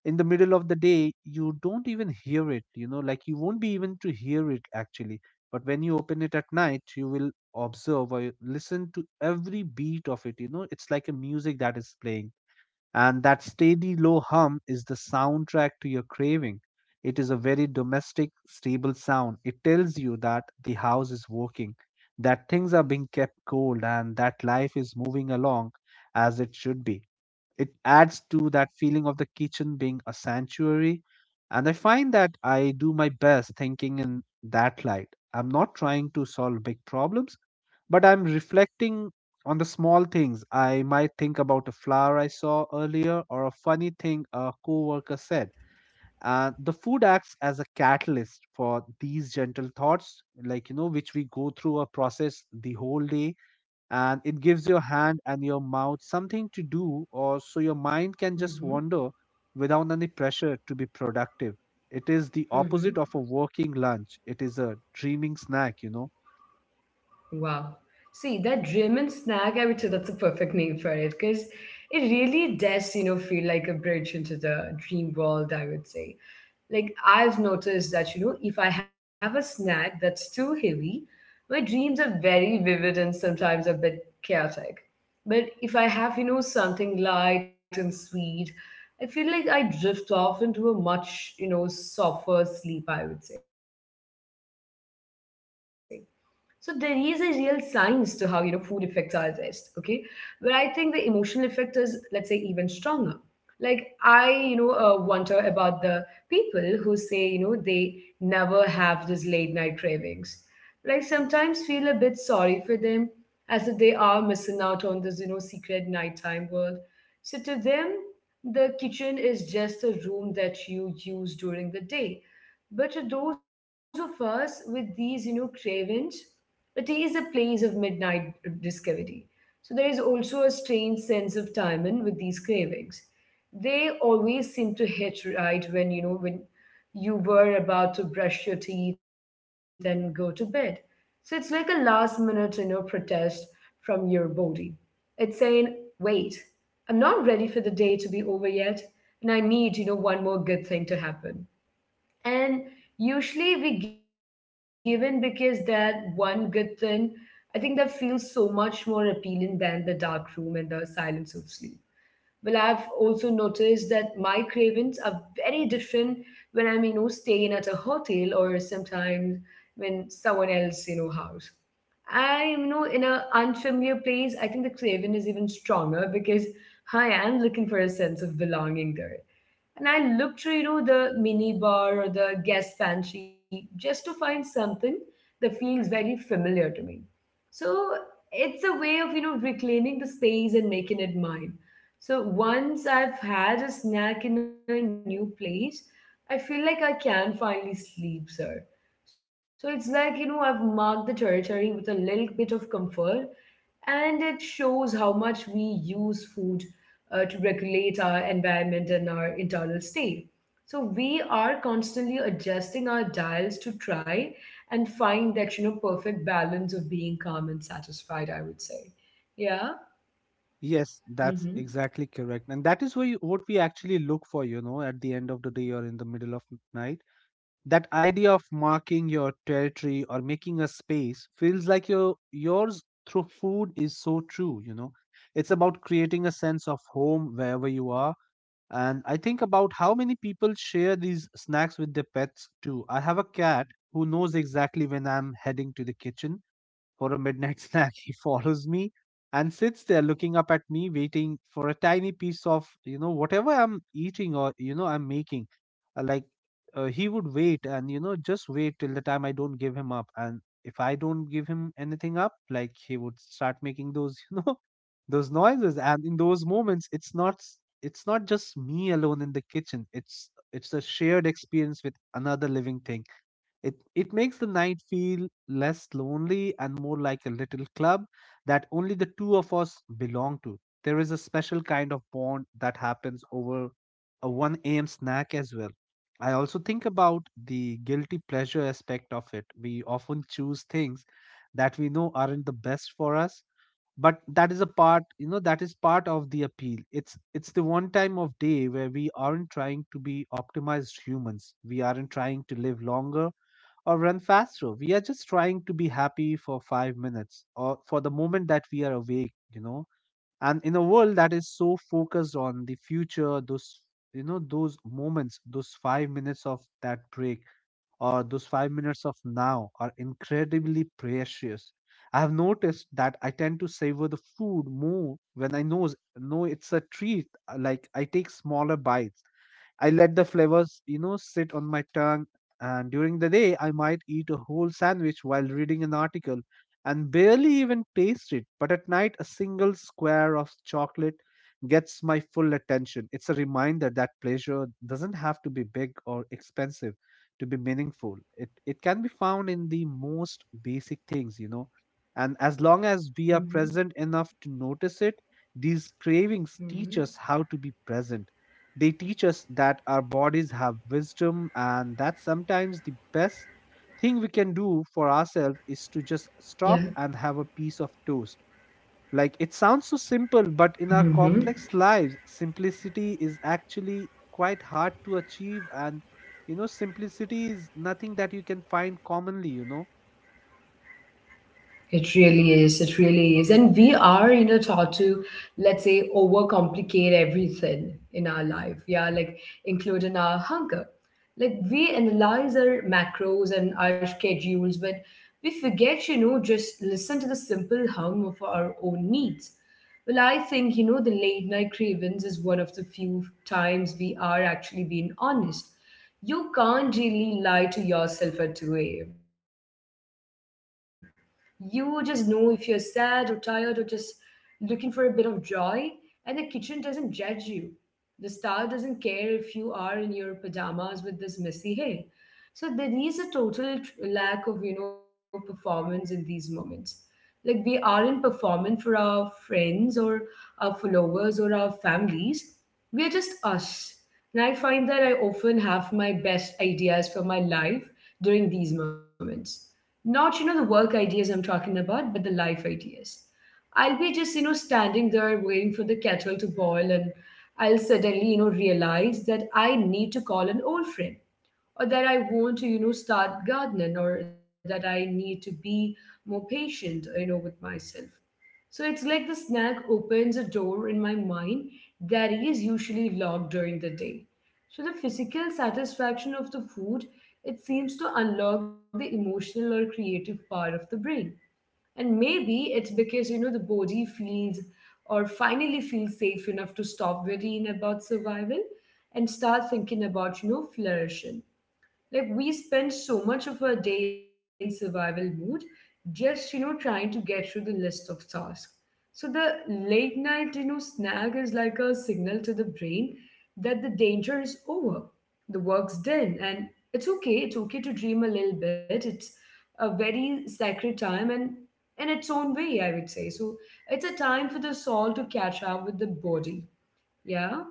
Speaker 2: In the middle of the day, you don't even hear it, like you won't be even to hear it actually. But when you open it at night, you will observe or listen to every beat of it. It's like a music that is playing, and that steady low hum is the soundtrack to your craving. It is a very domestic, stable sound. It tells you that the house is working, that things are being kept cold, and that life is moving along as it should be. It adds to that feeling of the kitchen being a sanctuary. And I find that I do my best thinking in that light. I'm not trying to solve big problems, but I'm reflecting on the small things. I might think about a flower I saw earlier or a funny thing a coworker said. And the food acts as a catalyst for these gentle thoughts, like, which we go through a process the whole day. And it gives your hand and your mouth something to do, or so your mind can just
Speaker 1: Mm-hmm.
Speaker 2: wander without any pressure to be productive. It is the
Speaker 1: Mm-hmm.
Speaker 2: opposite of a working lunch. It is a dreaming snack.
Speaker 1: Wow. See, that German snack, I would say that's a perfect name for it because it really does feel like a bridge into the dream world, I would say. Like, I've noticed that, if I have a snack that's too heavy, my dreams are very vivid and sometimes a bit chaotic. But if I have something light and sweet, I feel like I drift off into a much softer sleep, I would say. So there is a real science to how you know food affects our rest, okay? Where I think the emotional effect is, let's say, even stronger. Like, I wonder about the people who say they never have these late night cravings. But I sometimes feel a bit sorry for them, as if they are missing out on this, you know, secret nighttime world. So to them, the kitchen is just a room that you use during the day. But to those of us with these cravings, it is a place of midnight discovery. So there is also a strange sense of timing with these cravings. They always seem to hit right when you know when you were about to brush your teeth and go to bed. So it's like a last minute protest from your body. It's saying, wait, I'm not ready for the day to be over yet, and I need one more good thing to happen. And usually we give in because that one good thing, I think that feels so much more appealing than the dark room and the silence of sleep. Well, I've also noticed that my cravings are very different when I'm staying at a hotel or sometimes when someone else house. I you know in a unfamiliar place, I think the craving is even stronger because I am looking for a sense of belonging there. And I look through the mini bar or the guest pantry just to find something that feels very familiar to me. So it's a way of reclaiming the space and making it mine. So once I've had a snack in a new place, I feel like I can finally sleep, sir. So it's like I've marked the territory with a little bit of comfort, and it shows how much we use food to regulate our environment and our internal state. So we are constantly adjusting our dials to try and find that perfect balance of being calm and satisfied, I would say. Yeah.
Speaker 2: Yes, that's
Speaker 1: Mm-hmm.
Speaker 2: exactly correct. And that is why what we actually look for, at the end of the day or in the middle of night. That idea of marking your territory or making a space feels like yours through food is so true. It's about creating a sense of home wherever you are. And I think about how many people share these snacks with their pets too. I have a cat who knows exactly when I'm heading to the kitchen for a midnight snack. He follows me and sits there looking up at me, waiting for a tiny piece of, whatever I'm eating or I'm making. Like, he would wait and just wait till the time I don't give him up. And if I don't give him anything up, like, he would start making those, those noises. And in those moments, It's not just me alone in the kitchen. It's a shared experience with another living thing. It makes the night feel less lonely and more like a little club that only the two of us belong to. There is a special kind of bond that happens over a 1 a.m. snack as well. I also think about the guilty pleasure aspect of it. We often choose things that we know aren't the best for us, but that is a part, you know, that is part of the appeal. It's the one time of day where we aren't trying to be optimized humans. We aren't trying to live longer or run faster. We are just trying to be happy for 5 minutes or for the moment that we are awake. And in a world that is so focused on the future, those moments, those 5 minutes of that break or those 5 minutes of now are incredibly precious. I have noticed that I tend to savor the food more when I know it's a treat. Like I take smaller bites. I let the flavors sit on my tongue. And during the day, I might eat a whole sandwich while reading an article and barely even taste it. But at night, a single square of chocolate gets my full attention. It's a reminder that pleasure doesn't have to be big or expensive to be meaningful. It can be found in the most basic things. And as long as we are
Speaker 1: Mm-hmm.
Speaker 2: present enough to notice it, these cravings teach
Speaker 1: Mm-hmm.
Speaker 2: us how to be present. They teach us that our bodies have wisdom and that sometimes the best thing we can do for
Speaker 1: Yeah.
Speaker 2: ourselves is to just stop and have a piece of toast. Like it sounds so simple,
Speaker 1: Mm-hmm.
Speaker 2: but in our complex lives, simplicity is actually quite hard to achieve, and simplicity is nothing that you can find commonly.
Speaker 1: It really is. It really is. And we are taught to, let's say, overcomplicate everything in our life. Yeah, like including our hunger. Like we analyze our macros and our schedules, but we forget just listen to the simple hum of our own needs. Well, I think the late night cravings is one of the few times we are actually being honest. You can't really lie to yourself at 2 a.m. You just know if you're sad or tired or just looking for a bit of joy, and the kitchen doesn't judge you. The star doesn't care if you are in your pajamas with this messy hair. So there is a total lack of performance in these moments. Like we aren't performing for our friends or our followers or our families. We're just us. And I find that I often have my best ideas for my life during these moments. Not the work ideas I'm talking about, but the life ideas. I'll be just standing there waiting for the kettle to boil and I'll suddenly realize that I need to call an old friend or that I want to start gardening or that I need to be more patient with myself. So it's like the snack opens a door in my mind that is usually locked during the day. So the physical satisfaction of the food, it seems to unlock the emotional or creative part of the brain. And maybe it's because you know the body feels or finally feels safe enough to stop worrying about survival and start thinking about you know flourishing. Like we spend so much of our day in survival mode, just you know trying to get through the list of tasks. So the late night you know snack is like a signal to the brain that the danger is over, the work's done, and it's okay. It's okay to dream a little bit. It's a very sacred time and in its own way, I would say. So it's a time for the soul to catch up with the body. Yeah.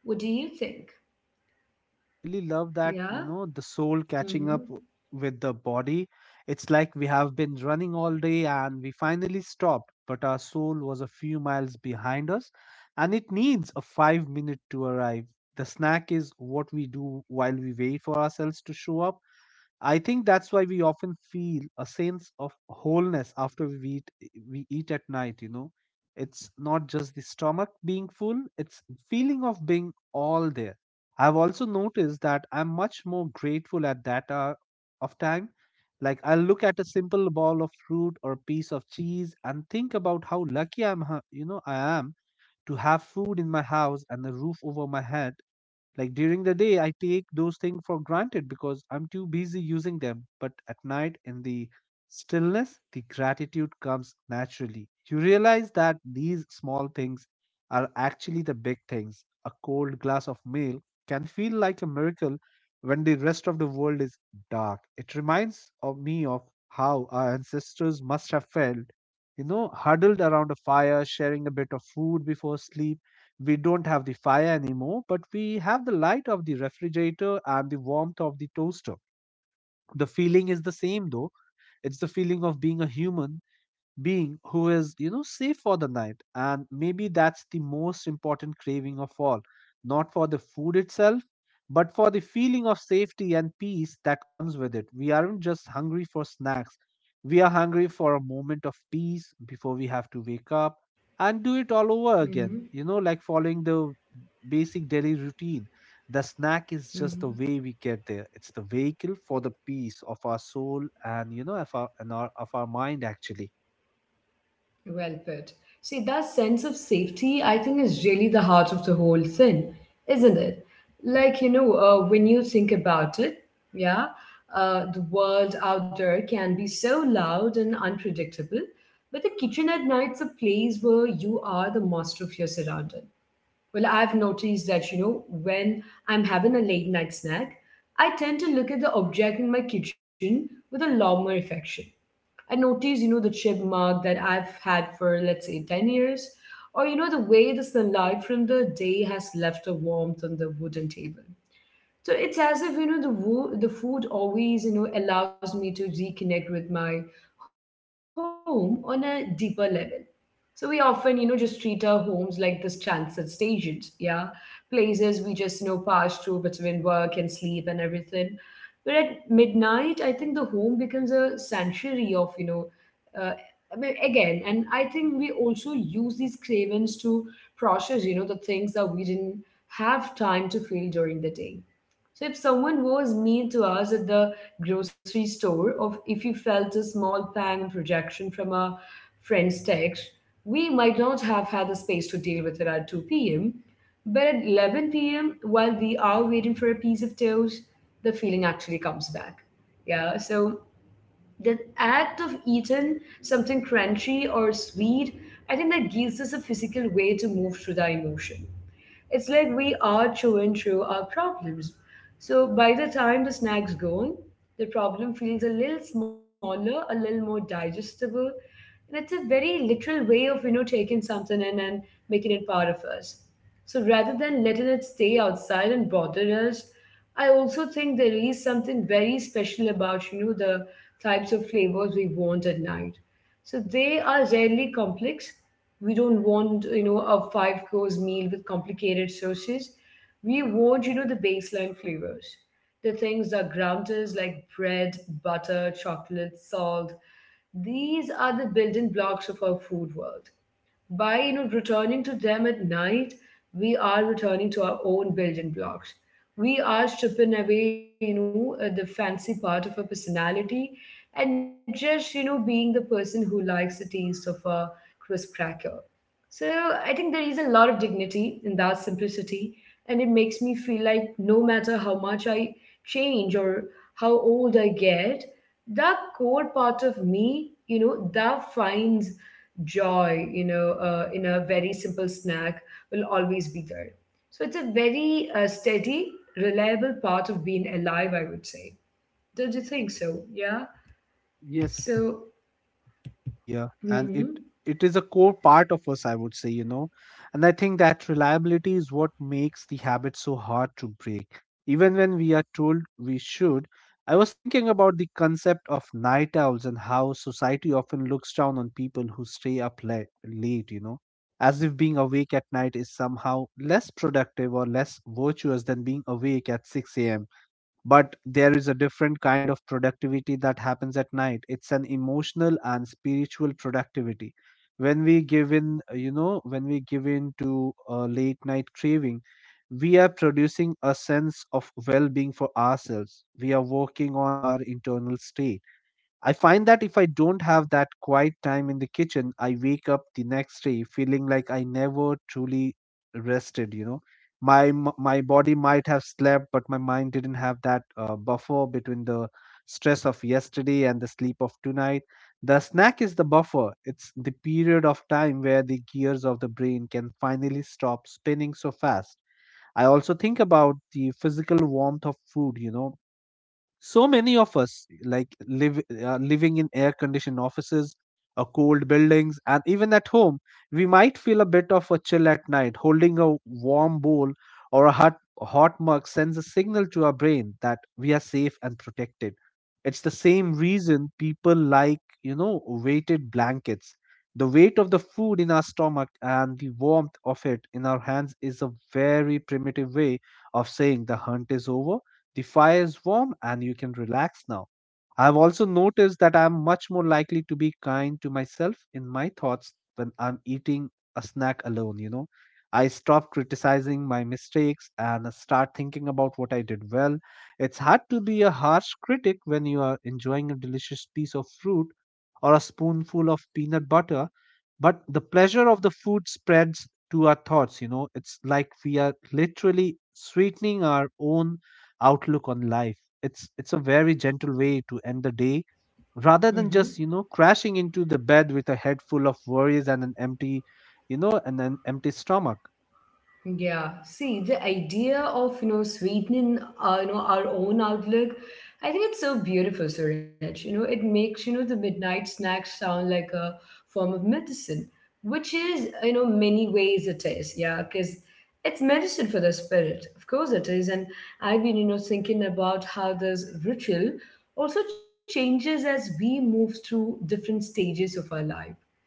Speaker 1: What do you think?
Speaker 2: I really love that, you
Speaker 1: Yeah.
Speaker 2: know, the soul catching up
Speaker 1: Mm-hmm.
Speaker 2: with the body. It's like we have been running all day and we finally stopped, but our soul was a few miles behind us, and it needs a 5 minute to arrive. The snack is what we do while we wait for ourselves to show up. I think that's why we often feel a sense of wholeness after we eat at night. It's not just the stomach being full, it's feeling of being all there. I've also noticed that I'm much more grateful at that hour of time. Like I'll look at a simple bowl of fruit or piece of cheese and think about how lucky I'm, ha- you know, I am to have food in my house and a roof over my head. Like during the day, I take those things for granted because I'm too busy using them. But at night, in the stillness, the gratitude comes naturally. You realize that these small things are actually the big things. A cold glass of milk can feel like a miracle when the rest of the world is dark. It reminds of me of how our ancestors must have felt, huddled around a fire, sharing a bit of food before sleep. We don't have the fire anymore, but we have the light of the refrigerator and the warmth of the toaster. The feeling is the same though. It's the feeling of being a human being who is safe for the night. And maybe that's the most important craving of all, not for the food itself, but for the feeling of safety and peace that comes with it. We aren't just hungry for snacks, we are hungry for a moment of peace before we have to wake up and do it all over again,
Speaker 1: Mm-hmm.
Speaker 2: you know, like following the basic daily routine. The snack is just the
Speaker 1: Mm-hmm.
Speaker 2: way we get there. It's the vehicle for the peace of our soul and of our mind actually.
Speaker 1: Well put. See, that sense of safety, I think, is really the heart of the whole thing, isn't it? Like, when you think about it, yeah, the world out there can be so loud and unpredictable, but the kitchen at night's a place where you are the master of your surrounding. Well, I've noticed that when I'm having a late night snack, I tend to look at the object in my kitchen with a lot more affection. I notice the chip mark that I've had for, let's say, 10 years, or the way the sunlight from the day has left a warmth on the wooden table. So it's as if the food always allows me to reconnect with my home on a deeper level. So we often just treat our homes like this transit stations, yeah, places we just pass through between work and sleep and everything. But at midnight, I think the home becomes a sanctuary of, uh, I mean, again, and I think we also use these cravings to process the things that we didn't have time to feel during the day. So if someone was mean to us at the grocery store, or if you felt a small pang of rejection from a friend's text, we might not have had the space to deal with it at 2 p.m. But at 11 p.m., while we are waiting for a piece of toast, the feeling actually comes back. Yeah, so the act of eating something crunchy or sweet, I think that gives us a physical way to move through the emotion. It's like we are chewing through our problems. So by the time the snack's gone, the problem feels a little smaller, a little more digestible, and it's a very literal way of you know taking something in and making it part of us. So rather than letting it stay outside and bother us, I also think there is something very special about you know the types of flavors we want at night so they are rarely complex. We don't want a 5-course meal with complicated sauces. We want the baseline flavors. The things that ground us like bread, butter, chocolate, salt. These are the building blocks of our food world by you know returning to them at night we are returning to our own building blocks. We are stripping away you know the fancy part of our personality and just you know being the person who likes the taste of a crisp cracker. So I think there is a lot of dignity in that simplicity, and it makes me feel like no matter how much I change or how old I get, that core part of me that finds joy in a very simple snack will always be there. So it's a very steady, reliable part of being alive, I would say. Don't you think so? Yeah.
Speaker 2: Yes,
Speaker 1: So,
Speaker 2: dear, and it
Speaker 1: mm-hmm,
Speaker 2: it is a core part of us, I would say, and I think that reliability is what makes the habit so hard to break, even when we are told we should. I was thinking about the concept of night owls and how society often looks down on people who stay up late, late, as if being awake at night is somehow less productive or less virtuous than being awake at 6 a.m. But there is a different kind of productivity that happens at night. It's an emotional and spiritual productivity. When we give in to a late night craving, we are producing a sense of well-being for ourselves. We are working on our internal state. I find that if I don't have that quiet time in the kitchen, I wake up the next day feeling like I never truly rested. My body might have slept, but my mind didn't have that buffer between the stress of yesterday and the sleep of tonight. The snack is the buffer. It's the period of time where the gears of the brain can finally stop spinning so fast. I also think about the physical warmth of food. So many of us like live living in air conditioned offices or cold buildings. And even at home, we might feel a bit of a chill at night. Holding a warm bowl or a hot mug sends a signal to our brain that we are safe and protected. It's the same reason people like weighted blankets. The weight of the food in our stomach and the warmth of it in our hands is a very primitive way of saying the hunt is over, the fire is warm, and you can relax now. I've also noticed that I'm much more likely to be kind to myself in my thoughts when I'm eating a snack alone. I stop criticizing my mistakes and start thinking about what I did well. It's hard to be a harsh critic when you are enjoying a delicious piece of fruit or a spoonful of peanut butter, but the pleasure of the food spreads to our thoughts. It's like we are literally sweetening our own outlook on life. It's a very gentle way to end the day rather than just,
Speaker 1: mm-hmm.
Speaker 2: crashing into the bed with a head full of worries and an empty, and an empty stomach.
Speaker 1: Yeah, see, the idea of, you know, sweetening, you know, our own outlook, I think it's so beautiful, Suraj. You know, it makes, you know, the midnight snack sound like a form of medicine, which is, you know, many ways it is. Yeah, because it's medicine for the spirit. Of course it is. And I've been, you know, thinking about how this ritual also changes as we move through different stages of our life,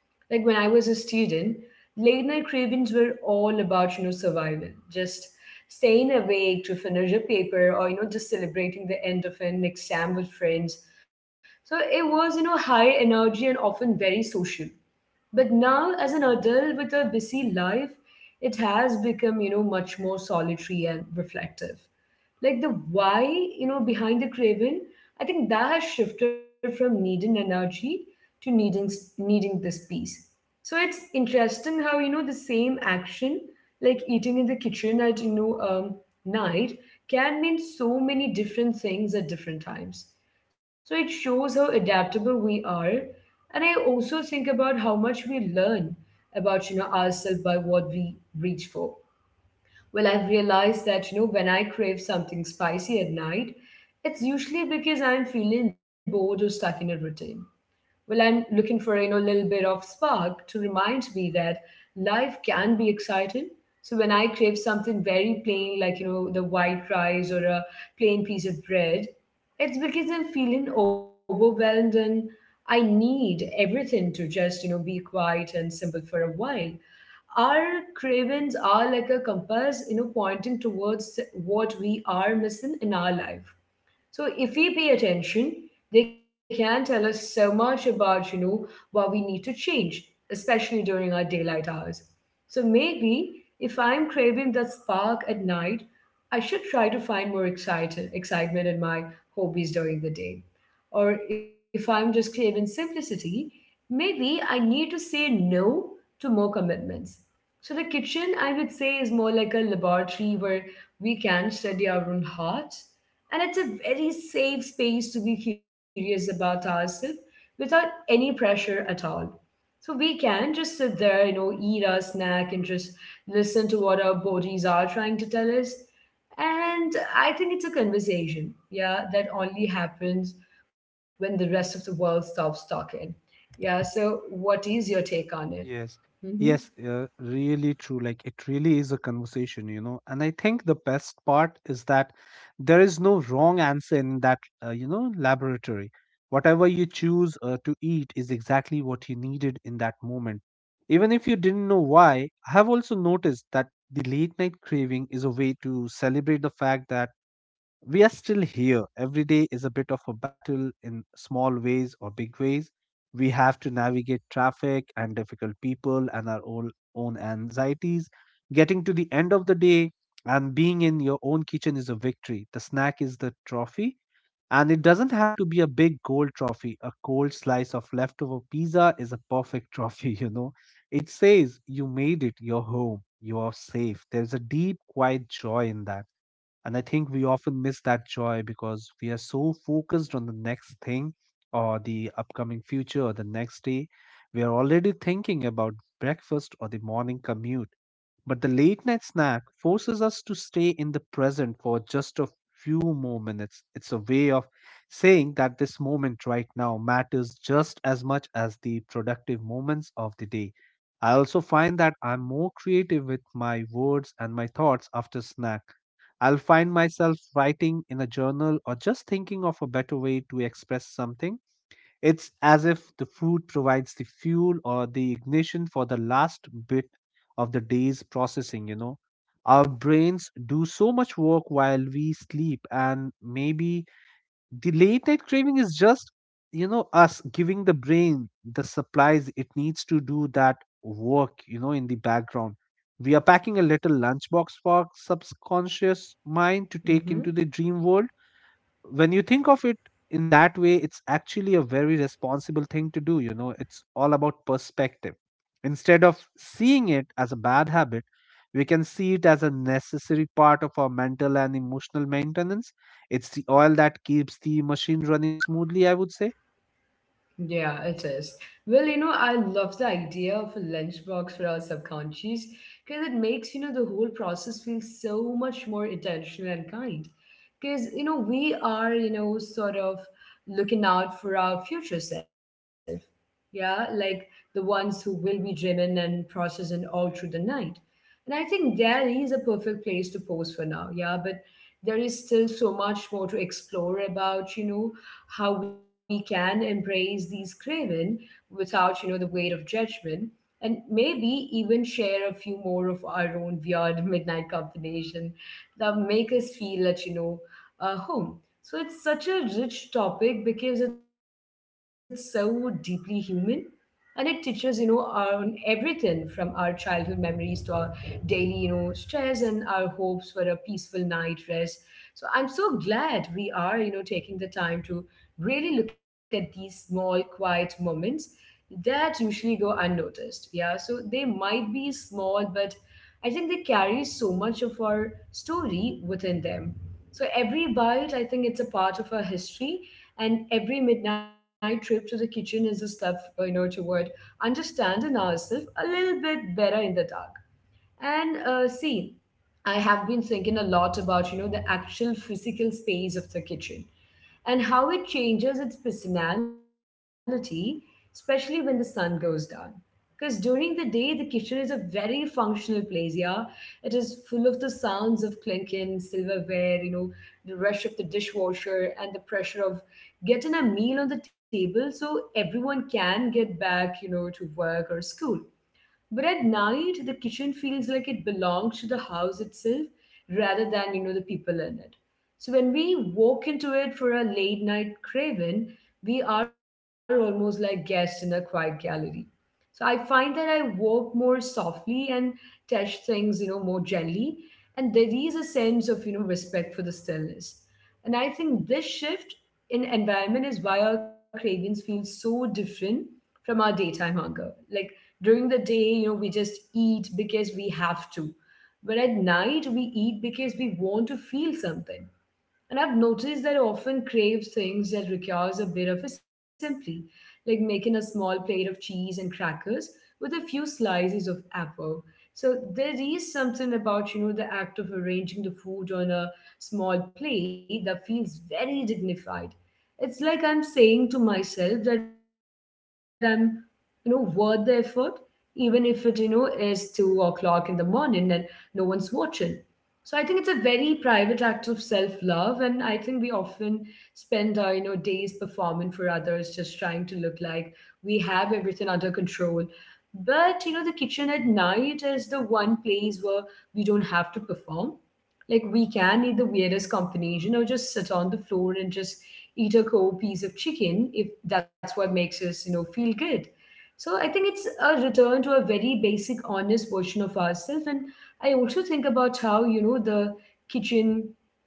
Speaker 1: like when I was a student, late night cravings were all about, you know, survival, just staying awake to finish a paper or, you know, just celebrating the end of an exam with friends. So it was, you know, high energy and often very social. But now, as an adult with a busy life, it has become, you know, much more solitary and reflective. Like the why, you know, behind the craving, I think that has shifted from needing energy to needing this peace. So it's interesting how, you know, the same action, like eating in the kitchen at, you know, night, can mean so many different things at different times. So it shows how adaptable we are, and I also think about how much we learn about, you know, ourselves by what we reach for. Well, I've realized that, you know, when I crave something spicy at night, it's usually because I'm feeling bored or stuck in a routine. Well, I'm looking for, you know, a little bit of spark to remind me that life can be exciting. So when I crave something very plain, like, you know, the white rice or a plain piece of bread, it's because I'm feeling overwhelmed and I need everything to just, you know, be quiet and simple for a while. Our cravings are like a compass, you know, pointing towards what we are missing in our life, so if we pay attention, they can tell us so much about, you know, what we need to change, especially during our daylight hours. So maybe if I'm craving that spark at night, I should try to find excitement in my hobbies during the day. Or if I'm just craving simplicity, maybe I need to say no to more commitments. So the kitchen, I would say, is more like a laboratory where we can study our own heart, and it's a very safe space to be curious about ourselves without any pressure at all. So we can just sit there, you know, eat our snack and just listen to what our bodies are trying to tell us. And I think it's a conversation, yeah, that only happens when the rest of the world stops talking. Yeah, so what is your take on it?
Speaker 2: Yes,
Speaker 1: Mm-hmm.
Speaker 2: yes, really true. Like it really is a conversation, you know. And I think the best part is that there is no wrong answer in that, laboratory. Whatever you choose to eat is exactly what you needed in that moment. Even if you didn't know why, I have also noticed that the late night craving is a way to celebrate the fact that we are still here. Every day is a bit of a battle in small ways or big ways. We have to navigate traffic and difficult people and our own anxieties. Getting to the end of the day and being in your own kitchen is a victory. The snack is the trophy. And it doesn't have to be a big gold trophy. A cold slice of leftover pizza is a perfect trophy, you know. It says you made it, you're home, you are safe. There's a deep, quiet joy in that, and I think we often miss that joy because we are so focused on the next thing or the upcoming future or the next day. We are already thinking about breakfast or the morning commute. But the late night snack forces us to stay in the present for just a few more minutes. It's a way of saying that this moment right now matters just as much as the productive moments of the day. I also find that I'm more creative with my words and my thoughts after snack. I'll find myself writing in a journal or just thinking of a better way to express something. It's as if the food provides the fuel or the ignition for the last bit of the day's processing, you know. Our brains do so much work while we sleep, and maybe the late night craving is just, us giving the brain the supplies it needs to do that work, in the background. We are packing a little lunchbox for our subconscious mind to take into the
Speaker 1: Mm-hmm.
Speaker 2: dream world. When you think of it in that way, it's actually a very responsible thing to do, you know. It's all about perspective. Instead of seeing it as a bad habit, we can see it as a necessary part of our mental and emotional maintenance. It's the oil that keeps the machine running smoothly, I would say.
Speaker 1: Yeah, it is. Well, you know, I love the idea of a lunchbox for our subconscious because it makes, you know, the whole process feel so much more intentional and kind. Because, you know, we are, you know, sort of looking out for our future self. Yeah, like the ones who will be dreaming and processing all through the night. And I think there is a perfect place to pose for now. Yeah, but there is still so much more to explore about, you know, how we can embrace these craving without, you know, the weight of judgment, and maybe even share a few more of our own weird midnight combination that make us feel that, you know, home. So it's such a rich topic because it's so deeply human, and it teaches, you know, on everything from our childhood memories to our daily, you know, stress and our hopes for a peaceful night rest. So I'm so glad we are, you know, taking the time to really look at these small quiet moments that usually go unnoticed. Yeah, so they might be small, but I think they carry so much of our story within them. So every bite, I think it's a part of our history, and every midnight trip to the kitchen is a step, you know, toward understanding ourselves a little bit better in the dark. And see, I have been thinking a lot about, you know, the actual physical space of the kitchen and how it changes its personality, especially when the sun goes down. Because during the day, the kitchen is a very functional place, yeah. It is full of the sounds of clinking, silverware, you know, the rush of the dishwasher and the pressure of getting a meal on the table so everyone can get back, you know, to work or school. But at night, the kitchen feels like it belongs to the house itself rather than, you know, the people in it. So when we walk into it for a late night craving, we are almost like guests in a quiet gallery. So I find that I walk more softly and touch things, you know, more gently. And there is a sense of, you know, respect for the stillness. And I think this shift in environment is why our cravings feel so different from our daytime hunger. Like during the day, you know, we just eat because we have to. But at night, we eat because we want to feel something. And I've noticed that I often crave things that requires a bit of assembly, like making a small plate of cheese and crackers with a few slices of apple. So there is something about, you know, the act of arranging the food on a small plate that feels very dignified. It's like I'm saying to myself that I'm, you know, worth the effort, even if it, you know, is 2 o'clock in the morning and no one's watching. So I think it's a very private act of self-love, and I think we often spend our, you know, days performing for others, just trying to look like we have everything under control. But, you know, the kitchen at night is the one place where we don't have to perform. Like we can eat the weirdest combination or just sit on the floor and just eat a cold piece of chicken if that's what makes us, you know, feel good. So I think it's a return to a very basic, honest version of ourselves. And I also think about how, you know, the kitchen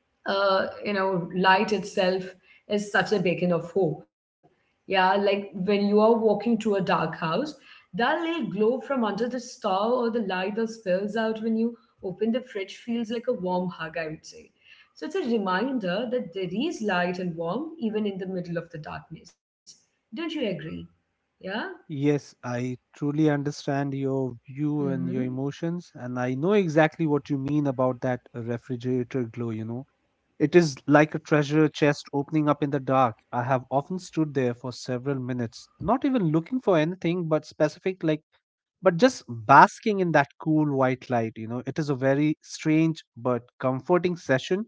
Speaker 1: you know, light itself is such a beacon of hope. Yeah, like when you are walking through a dark house, that little glow from under the star or the light that spills out when you open the fridge feels like a warm hug, I would say. So it's a reminder that there is light and warmth even in the middle of the darkness. Don't you agree? Yeah?
Speaker 2: Yes, I truly understand your view and your
Speaker 1: Mm-hmm.
Speaker 2: emotions, and I know exactly what you mean about that refrigerator glow, you know. It is like a treasure chest opening up in the dark. I have often stood there for several minutes, not even looking for anything but specific, like, but just basking in that cool white light. You know, it is a very strange but comforting session,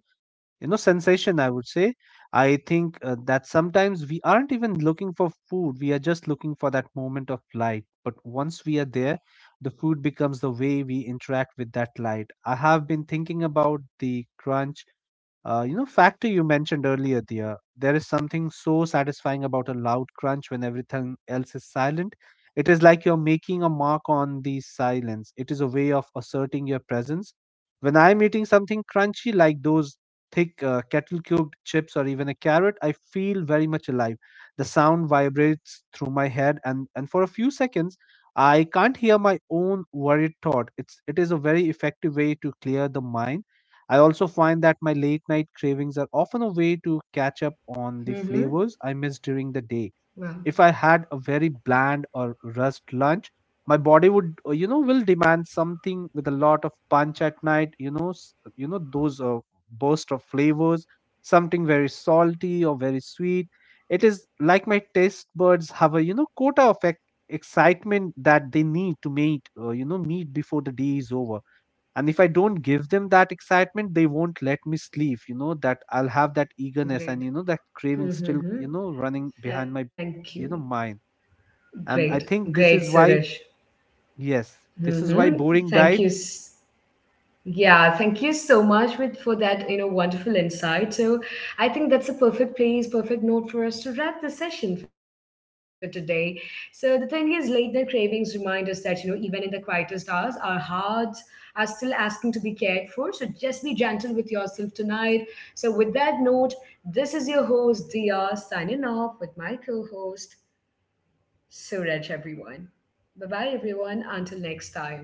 Speaker 2: you know, sensation, I would say. I think that sometimes we aren't even looking for food, we are just looking for that moment of light. But once we are there, the food becomes the way we interact with that light. I have been thinking about the crunch you know, factor you mentioned earlier, Dia. There is something so satisfying about a loud crunch when everything else is silent. It is like you're making a mark on the silence. It is a way of asserting your presence. When I'm eating something crunchy like those thick kettle cubed chips or even a carrot, I feel very much alive. The sound vibrates through my head, and for a few seconds, I can't hear my own worried thought. It is a very effective way to clear the mind. I also find that my late night cravings are often a way to catch up on the
Speaker 1: Mm-hmm.
Speaker 2: flavors I missed during the day.
Speaker 1: Wow,
Speaker 2: If I had a very bland or rust lunch, my body would, you know, will demand something with a lot of punch at night. You know, you know those burst of flavors, something very salty or very sweet. It is like my taste buds have a, you know, quota of excitement that they need to meet, meet before the day is over. And if I don't give them that excitement, they won't let me sleep, you know. That I'll have that eagerness
Speaker 1: great.
Speaker 2: and, you know, that craving still,
Speaker 1: Mm-hmm.
Speaker 2: you know, running behind my,
Speaker 1: Thank you.
Speaker 2: you know, mind.
Speaker 1: Great.
Speaker 2: And I
Speaker 1: Great,
Speaker 2: think this is
Speaker 1: Suresh.
Speaker 2: why, yes, this is why
Speaker 1: Mm-hmm.
Speaker 2: boring
Speaker 1: Thank you.
Speaker 2: diets
Speaker 1: Yeah, thank you so much with for that, you know, wonderful insight. So I think that's a perfect place, perfect note for us to wrap the session for today. So the thing is, late night cravings remind us that, you know, even in the quietest hours, our hearts are still asking to be cared for. So just be gentle with yourself tonight. So with that note, this is your host, Dia, signing off with my co-host, Suraj, everyone. Bye-bye, everyone. Until next time.